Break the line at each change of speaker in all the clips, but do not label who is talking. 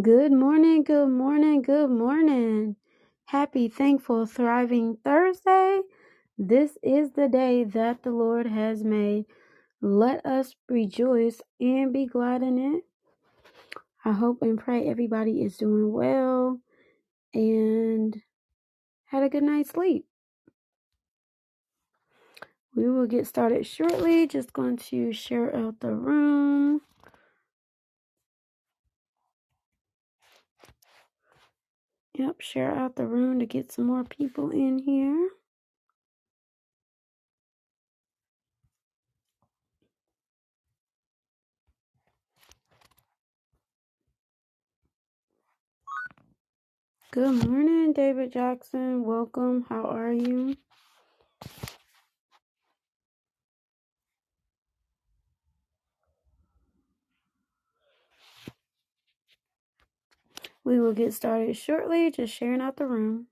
Good morning, good morning, good morning. Happy, thankful, thriving Thursday. This is the day that the Lord has made. Let us rejoice and be glad in it. I hope and pray everybody is doing well and had a good night's sleep. We will get started shortly. Just going to share out the room. Yep, share out the room to get some more people in here. Good morning, David Jackson. Welcome. How are you? We will get started shortly, just sharing out the room.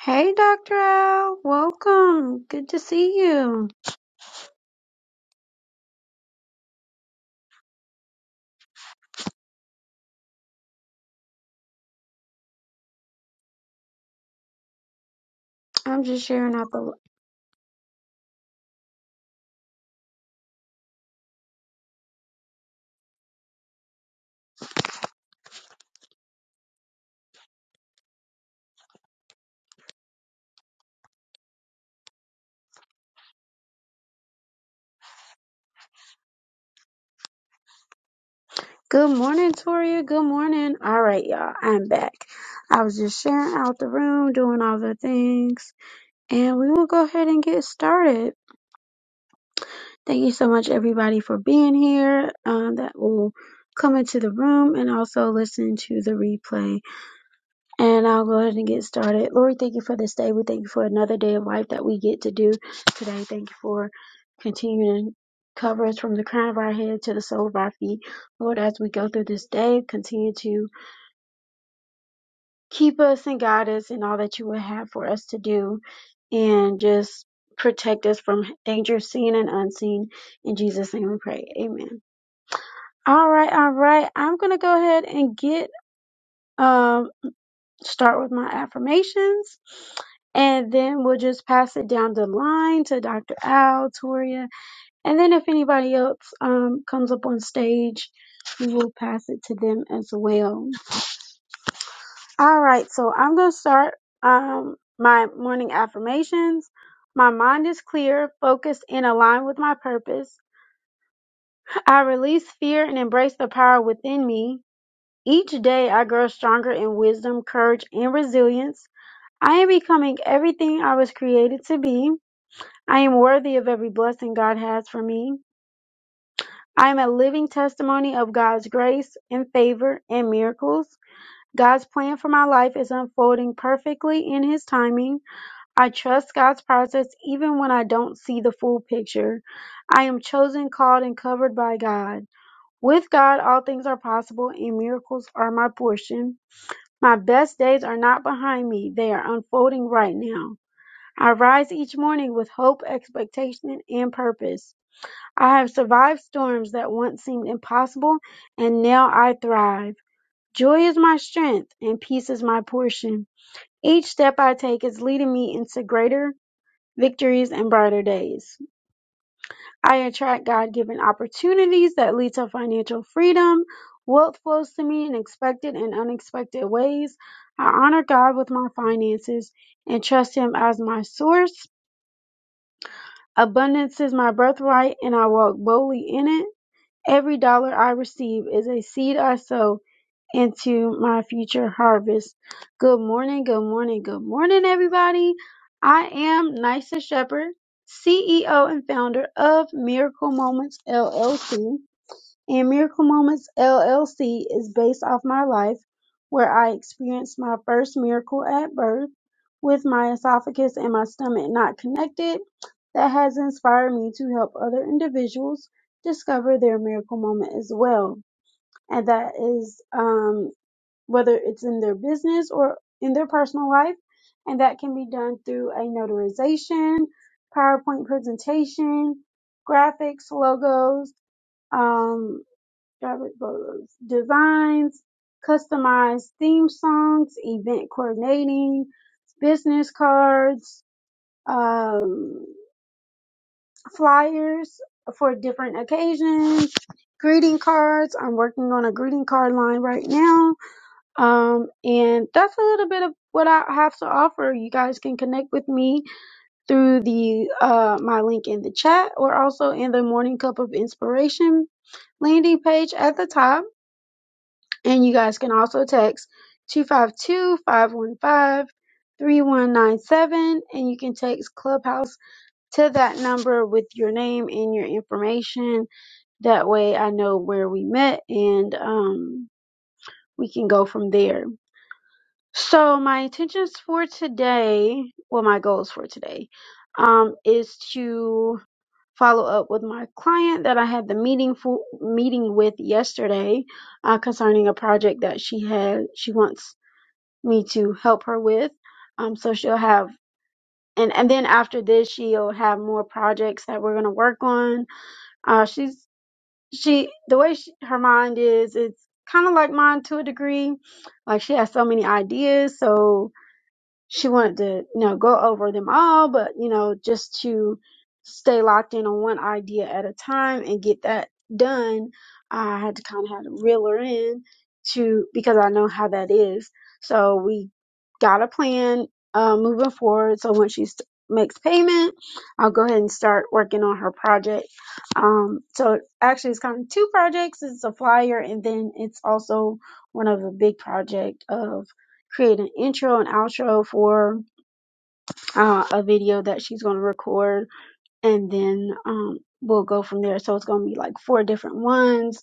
Hey, Dr. Al, welcome. Good to see you. I'm just sharing out the. Good morning, Toria. Good morning. All right, y'all. I'm back. I was just sharing out the room, doing all the things, and we will go ahead and get started. Thank you so much, everybody, for being here. Um, that will come into the room and also listen to the replay. And I'll go ahead and get started. Lord, thank you for this day. We thank you for another day of life that we get to do today. Thank you for continuing to cover us from the crown of our head to the sole of our feet. Lord, as we go through this day, continue to keep us and guide us in all that you would have for us to do and just protect us from danger seen and unseen. In Jesus' name we pray. Amen. All right, all right. I'm gonna go ahead and get um start with my affirmations and then we'll just pass it down the line to Dr. Al, Toria, and then if anybody else um, comes up on stage, we will pass it to them as well. All right, so I'm gonna start um, my morning affirmations. My mind is clear, focused, and aligned with my purpose. I release fear and embrace the power within me. Each day I grow stronger in wisdom, courage, and resilience. I am becoming everything I was created to be. I am worthy of every blessing God has for me. I am a living testimony of God's grace and favor and miracles. God's plan for my life is unfolding perfectly in His timing. I trust God's process even when I don't see the full picture. I am chosen, called, and covered by God. With God, all things are possible and miracles are my portion. My best days are not behind me, they are unfolding right now. I rise each morning with hope, expectation, and purpose. I have survived storms that once seemed impossible, and now I thrive. Joy is my strength, and peace is my portion. Each step I take is leading me into greater victories and brighter days. I attract God given opportunities that lead to financial freedom. Wealth flows to me in expected and unexpected ways. I honor God with my finances and trust Him as my source. Abundance is my birthright, and I walk boldly in it. Every dollar I receive is a seed I sow into my future harvest. Good morning, good morning, good morning, everybody. I am Nysa Shepherd, CEO and founder of Miracle Moments LLC and Miracle Moments LLC is based off my life where I experienced my first miracle at birth with my esophagus and my stomach not connected. That has inspired me to help other individuals discover their miracle moment as well. And that is um, whether it's in their business or in their personal life. And that can be done through a notarization, PowerPoint presentation, graphics, logos, um, Robert Burrows designs customized theme songs, event coordinating, business cards, um, flyers for different occasions, greeting cards. I'm working on a greeting card line right now. Um, and that's a little bit of what I have to offer. You guys can connect with me through the uh, my link in the chat or also in the Morning Cup of Inspiration landing page at the top And you guys can also text 252 515 3197, And you can text Clubhouse to that number with your name and your information. That way I know where we met and um, we can go from there. So, my intentions for today, well, my goals for today, um, is to follow up with my client that I had the meeting for meeting with yesterday uh, concerning a project that she had she wants me to help her with. Um, so she'll have, and, and then after this, she'll have more projects that we're going to work on. Uh, she's, she, the way she, her mind is, it's kind of like mine to a degree. Like she has so many ideas. So, she wanted to you know go over them all but you know just to stay locked in on one idea at a time and get that done i had to kind of have to reel her in to because i know how that is so we got a plan uh, moving forward so when she st- makes payment i'll go ahead and start working on her project um, so actually it's kind of two projects it's a flyer and then it's also one of a big project of create an intro and outro for uh, a video that she's going to record, and then um, we'll go from there. So it's going to be like four different ones.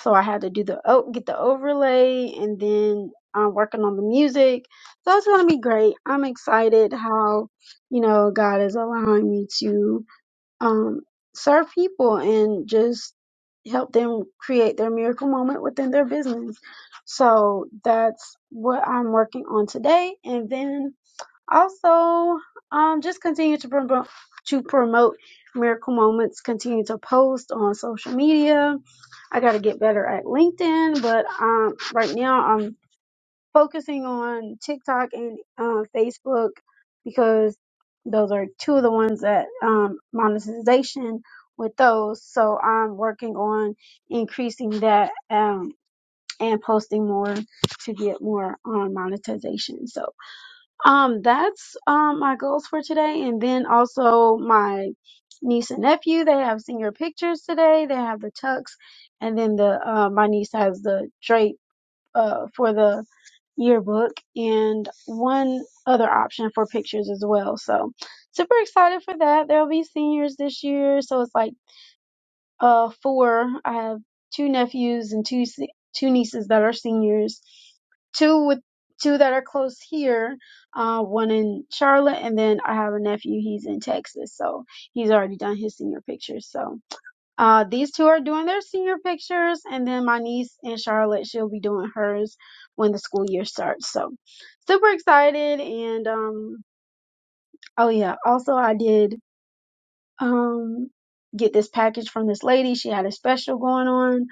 So I had to do the oh, get the overlay, and then I'm working on the music. So it's going to be great. I'm excited how you know God is allowing me to um, serve people and just help them create their miracle moment within their business. So that's what I'm working on today. And then also, um, just continue to promote, to promote miracle moments, continue to post on social media. I got to get better at LinkedIn, but, um, right now I'm focusing on TikTok and uh, Facebook because those are two of the ones that um, monetization with those. So I'm working on increasing that um, and posting more to get more on monetization. So um, that's um, my goals for today. And then also my niece and nephew, they have senior pictures today. They have the tux. And then the uh, my niece has the drape uh, for the yearbook and one other option for pictures as well. So super excited for that. There'll be seniors this year, so it's like uh four. I have two nephews and two se- two nieces that are seniors. Two with two that are close here, uh one in Charlotte and then I have a nephew, he's in Texas. So he's already done his senior pictures. So uh, these two are doing their senior pictures, and then my niece and Charlotte, she'll be doing hers when the school year starts. So, super excited! And um, oh yeah, also I did um get this package from this lady. She had a special going on,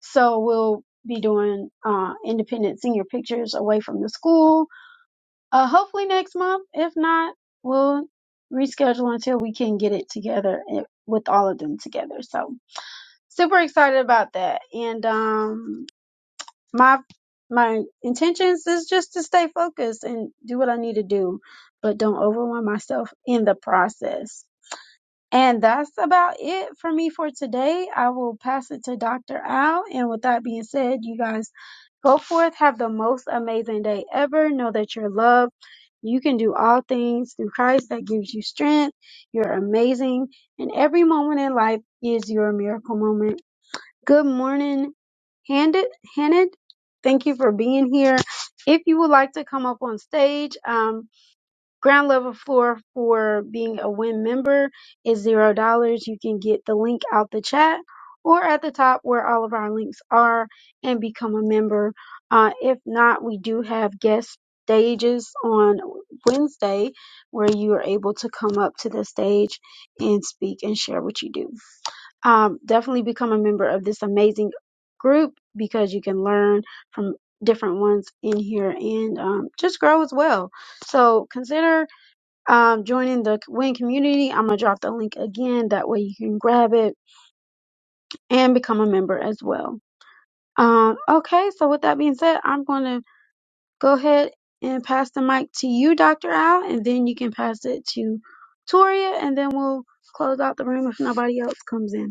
so we'll be doing uh independent senior pictures away from the school. Uh, hopefully next month. If not, we'll reschedule until we can get it together eh, with all of them together. So super excited about that. And um my my intentions is just to stay focused and do what I need to do, but don't overwhelm myself in the process. And that's about it for me for today. I will pass it to Dr. Al. And with that being said, you guys go forth, have the most amazing day ever. Know that you're loved. You can do all things through Christ that gives you strength. You're amazing. And every moment in life is your miracle moment. Good morning, Handed. Handed, thank you for being here. If you would like to come up on stage, um, ground level floor for being a WIN member is zero dollars. You can get the link out the chat or at the top where all of our links are and become a member. Uh, if not, we do have guest stages on Wednesday where you are able to come up to the stage and speak and share what you do um, definitely become a member of this amazing group because you can learn from different ones in here and um, just grow as well. So consider um, joining the Win community. I'm gonna drop the link again. That way you can grab it and become a member as well. Um, okay, so with that being said, I'm gonna go ahead and pass the mic to you, Dr. Al, and then you can pass it to Toria, and then we'll close out the room if nobody else comes in.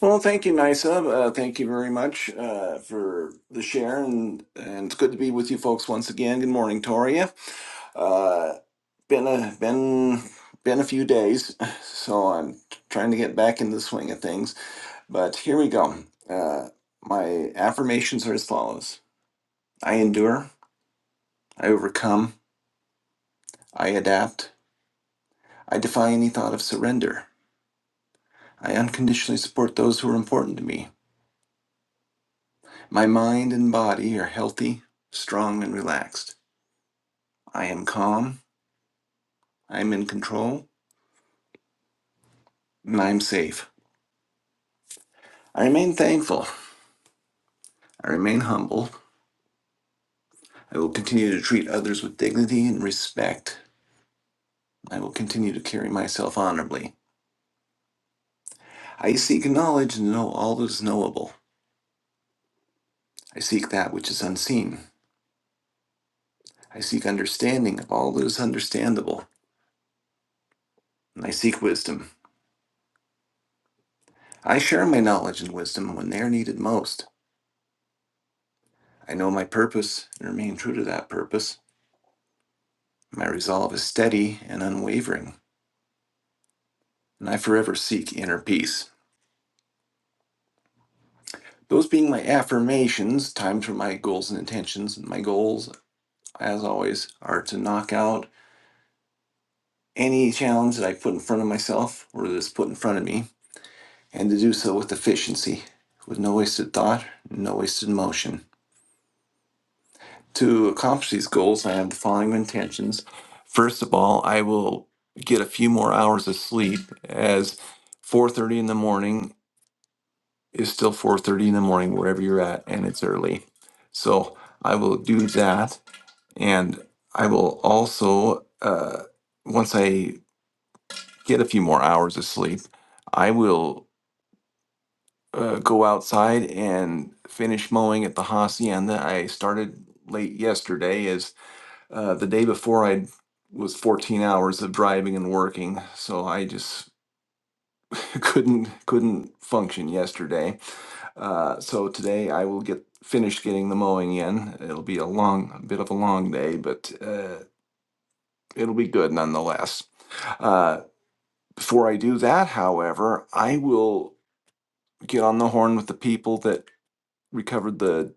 Well, thank you, Nisa. Uh, thank you very much uh, for the share, and, and it's good to be with you folks once again. Good morning, Toria. Uh, been a been been a few days, so I'm trying to get back in the swing of things. But here we go. Uh, my affirmations are as follows: I endure, I overcome, I adapt, I defy any thought of surrender. I unconditionally support those who are important to me. My mind and body are healthy, strong, and relaxed. I am calm, I am in control, and I am safe. I remain thankful, I remain humble. I will continue to treat others with dignity and respect. I will continue to carry myself honorably. I seek knowledge and know all that is knowable. I seek that which is unseen. I seek understanding of all that is understandable. And I seek wisdom. I share my knowledge and wisdom when they are needed most. I know my purpose and remain true to that purpose. My resolve is steady and unwavering. and I forever seek inner peace. Those being my affirmations, timed for my goals and intentions. My goals, as always, are to knock out any challenge that I put in front of myself or that is put in front of me, and to do so with efficiency, with no wasted thought, no wasted motion. To accomplish these goals, I have the following intentions. First of all, I will get a few more hours of sleep as 4:30 in the morning is still 4.30 in the morning wherever you're at and it's early so i will do that and i will also uh, once i get a few more hours of sleep i will uh, go outside and finish mowing at the hacienda i started late yesterday as uh, the day before i was 14 hours of driving and working so i just couldn't couldn't function yesterday Uh, so today I will get finished getting the mowing in. It'll be a long, a bit of a long day, but uh, it'll be good nonetheless. Uh, before I do that, however, I will get on the horn with the people that recovered the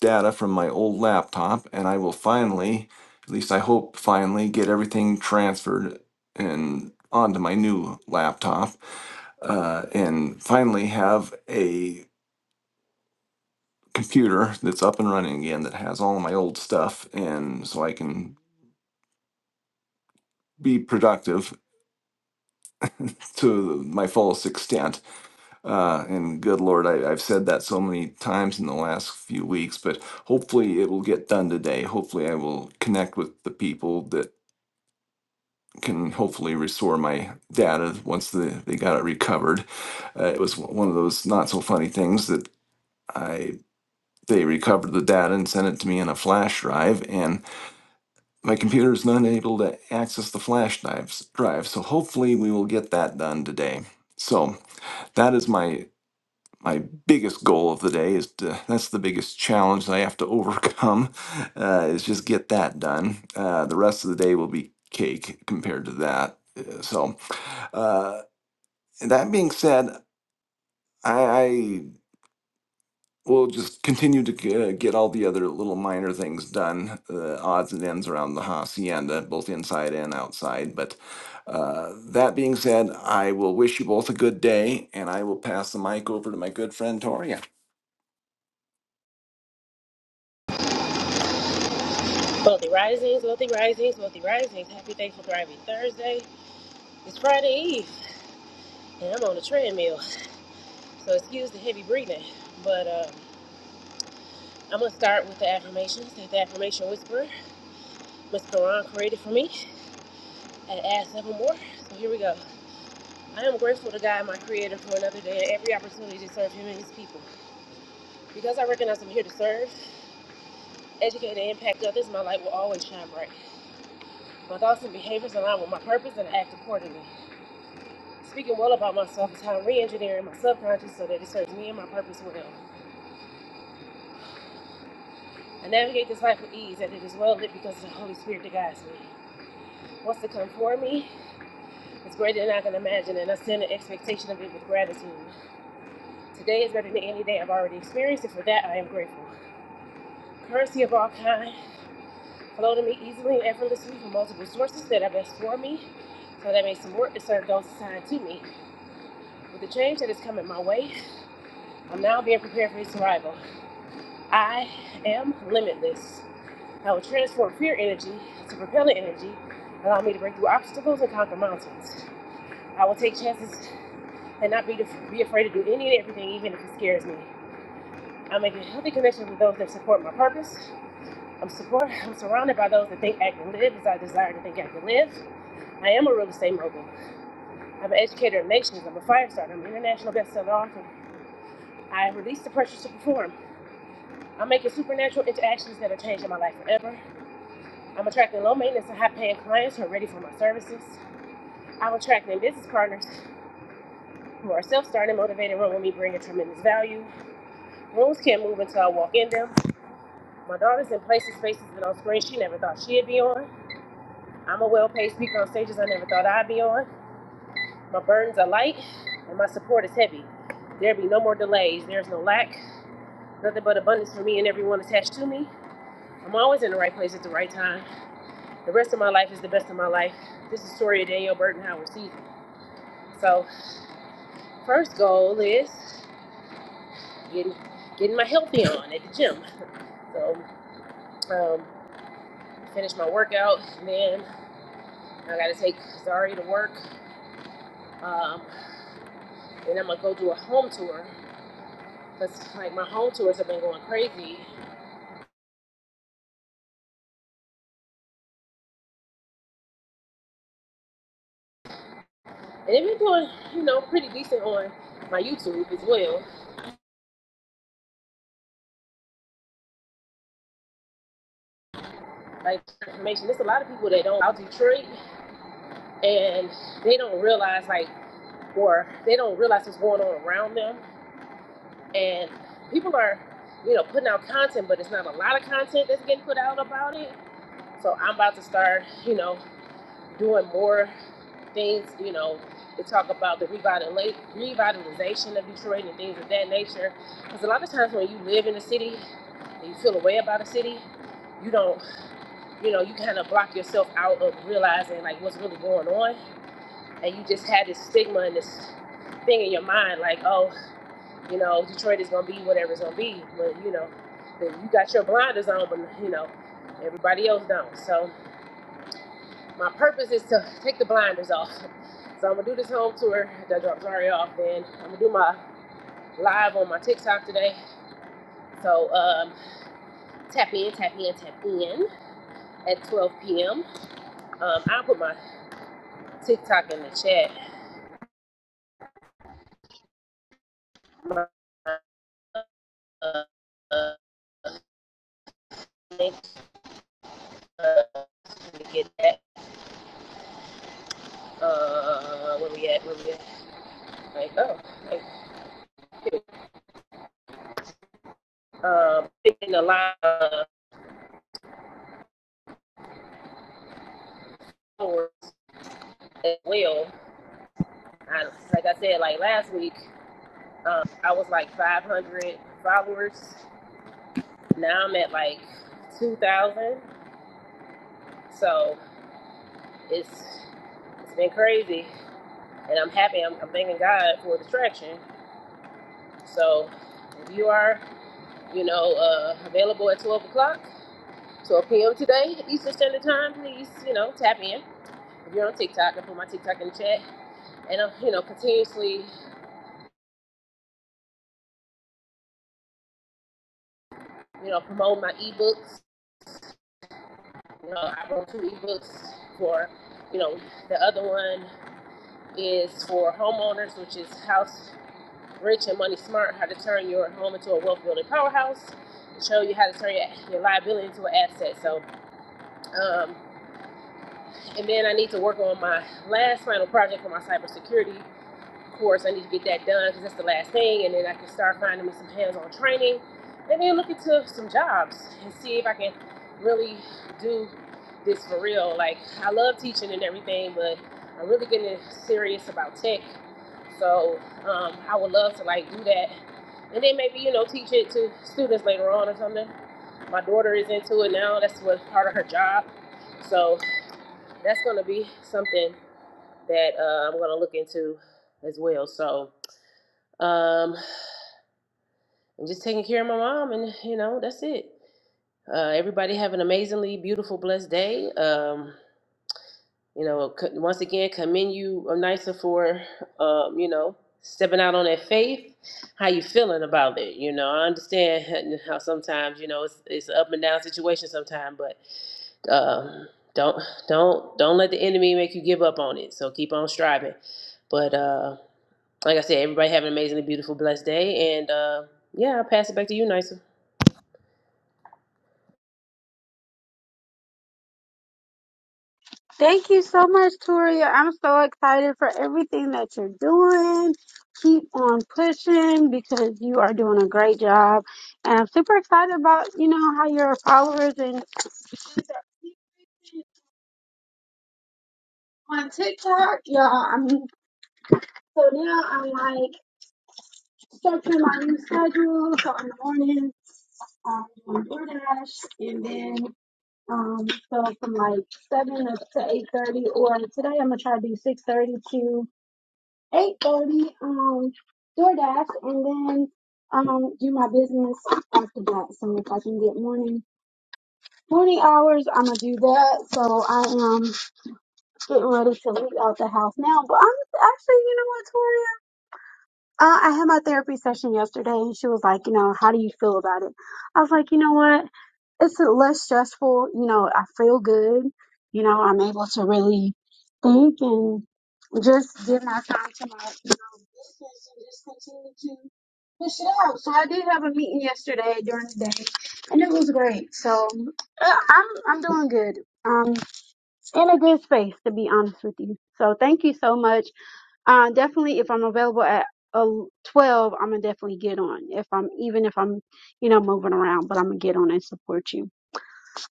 data from my old laptop, and I will finally, at least I hope finally, get everything transferred and onto my new laptop, uh, and finally have a computer that's up and running again that has all of my old stuff and so I can be productive to my fullest extent. Uh, and good Lord, I, I've said that so many times in the last few weeks, but hopefully it will get done today. Hopefully I will connect with the people that can hopefully restore my data once the, they got it recovered. Uh, it was one of those not so funny things that I they recovered the data and sent it to me in a flash drive and My computer is not able to access the flash drives, drive, so hopefully we will get that done today. So that is my my biggest goal of the day is to, that's the biggest challenge that I have to overcome uh, is just get that done. Uh, the rest of the day will be cake compared to that. Uh, So uh, that being said, I, I we'll just continue to g- uh, get all the other little minor things done, uh, odds and ends around the hacienda, both inside and outside. But uh, that being said, I will wish you both a good day, and I will pass the mic over to my good friend Toria.
Wealthy Risings, Wealthy Risings, Wealthy Risings. Happy Thankful Thriving Thursday. It's Friday Eve, and I'm on a treadmill, so excuse the heavy breathing. But uh, I'm going to start with the affirmations that the affirmation whisperer, Miss Quran, created for me and add seven more. So here we go. I am grateful to God, my creator, for another day and every opportunity to serve him and his people. Because I recognize I'm here to serve, educate, and impact others, my light will always shine bright. My thoughts and behaviors align with my purpose and I act accordingly. Speaking well about myself is how I'm re-engineering my subconscious so that it serves me and my purpose well. I navigate this life with ease, and it is well lit because of the Holy Spirit that guides me. What's to come for me is greater than I can imagine, and I stand in expectation of it with gratitude. Today is better than any day I've already experienced, and for that I am grateful. Currency of all kind flow to me easily and effortlessly from multiple sources that are best for me, so that I may support and serve those assigned to me. With the change that is coming my way, I'm now being prepared for its arrival. I am limitless. I will transform fear energy to propellant energy, allow me to break through obstacles and conquer mountains. I will take chances and not be, be afraid to do any and everything, even if it scares me. I'm making healthy connections with those that support my purpose. I'm support. I'm surrounded by those that think, act, and live as I desire to think, act, and live. I am a real estate mogul. I'm an educator of nations. I'm a fire starter. I'm an international bestseller author. I release the pressures to perform. I'm making supernatural interactions that are changing my life forever. I'm attracting low maintenance and high paying clients who are ready for my services. Our attracting business partners who are self-starting, motivated, run with bring a tremendous value. Rooms can't move until I walk in them. My daughter's in places, spaces, and on screens she never thought she'd be on. I'm a well-paid speaker on stages I never thought I'd be on. My burdens are light, and my support is heavy. There be no more delays. There's no lack. Nothing but abundance for me and everyone attached to me. I'm always in the right place at the right time. The rest of my life is the best of my life. This is Soria Danielle Burton Howard season. So, first goal is getting getting my healthy on at the gym. So um, finish my workout, and then I gotta take Zari to work. Um, and I'm gonna go do a home tour because like my home tours have been going crazy, and they've been doing you know pretty decent on my YouTube as well. Like information, there's a lot of people that don't out Detroit, and they don't realize like or they don't realize what's going on around them, and people are you know putting out content, but it's not a lot of content that's getting put out about it So I'm about to start, you know, doing more things, you know, to talk about the revitala- revitalization of Detroit and things of that nature. Because a lot of times when you live in a city and you feel a way about a city, you don't, you know, you kind of block yourself out of realizing like what's really going on. And you just had this stigma and this thing in your mind like, oh, you know, Detroit is going to be whatever it's going to be. But, you know, you got your blinders on, but, you know, everybody else don't. So My purpose is to take the blinders off. So I'm gonna do this home tour that drops Zari off. Then I'm gonna do my live on my TikTok today. So um, tap in, tap in, tap in at 12 p.m. Um, I'll put my TikTok in the chat. My, uh, uh, link, uh, to get that. Uh, where we at? Where we at? Like, oh, like, um, picking the line uh, as well. I, like I said, like last week. Um, I was like 500 followers. Now I'm at like 2,000. So it's it's been crazy, and I'm happy. I'm, I'm thanking God for the traction. So if you are, you know, uh, available at 12 o'clock, 12 p.m. today Eastern Standard Time, please, you know, tap in. If you're on TikTok, I put my TikTok in the chat, and I'm, you know, continuously, you know, promote my ebooks. You know, I wrote two ebooks for, you know, the other one. is for homeowners, which is House Rich and Money Smart, how to turn your home into a wealth building powerhouse. Show you how to turn your, your liability into an asset. So, um, and then I need to work on my last final project for my cybersecurity of course, I need to get that done because that's the last thing, and then I can start finding me some hands-on training, and then look into some jobs and see if I can really do this for real. Like I love teaching and everything, but I'm really getting serious about tech. So um, I would love to like do that, and then maybe you know teach it to students later on or something. My daughter is into it now. That's what part of her job. So that's going to be something that uh, I'm going to look into as well. So um, I'm just taking care of my mom, and you know, that's it. Uh, everybody have an amazingly beautiful, blessed day. Um, you know, c- once again, commend you, uh, Nisa, for um, you know stepping out on that faith. How you feeling about it? You know, I understand how sometimes you know it's it's an up and down situation sometimes, but um, don't don't don't let the enemy make you give up on it. So keep on striving. But uh, like I said, everybody have an amazingly beautiful, blessed day, and uh, yeah, I'll pass it back to you, Nisa.
Thank you so much, Toria. I'm so excited for everything that you're doing. Keep on pushing because you are doing a great job. And I'm super excited about, you know, how your followers and on TikTok, y'all. I mean, so now I'm like structuring my new schedule. So in the morning, um, on DoorDash, and then um, so from like seven up to eight thirty. Or today I'm gonna try to do six thirty eight thirty, um, DoorDash, and then um, do my business after that. So if I can get morning morning hours, I'm gonna do that. So I am getting ready to leave out the house now. But I'm actually, you know what, Tori? Uh, I had my therapy session yesterday and she was like, you know, how do you feel about it? I was like, you know what? It's less stressful. You know, I feel good. You know, I'm able to really think and just give my time to my, you know, business and just continue to push it out. So I did have a meeting yesterday during the day and it was great. So uh, I'm, I'm doing good. Um, in a good space to be honest with you. So thank you so much. Uh, definitely, if I'm available at uh, 12, I'm gonna definitely get on. If I'm even if I'm, you know, moving around, but I'm gonna get on and support you.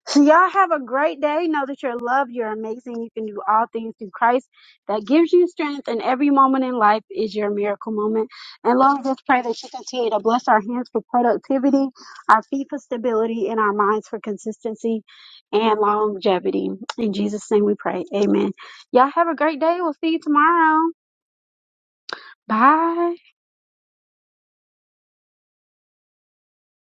So y'all have a great day. Know that you're loved, you're amazing, you can do all things through Christ that gives you strength, and every moment in life is your miracle moment. And Lord, just pray that you continue to bless our hands for productivity, our feet for stability, and our minds for consistency and longevity. In Jesus' name, we pray. Amen. Y'all have a great day. We'll see you tomorrow. Bye.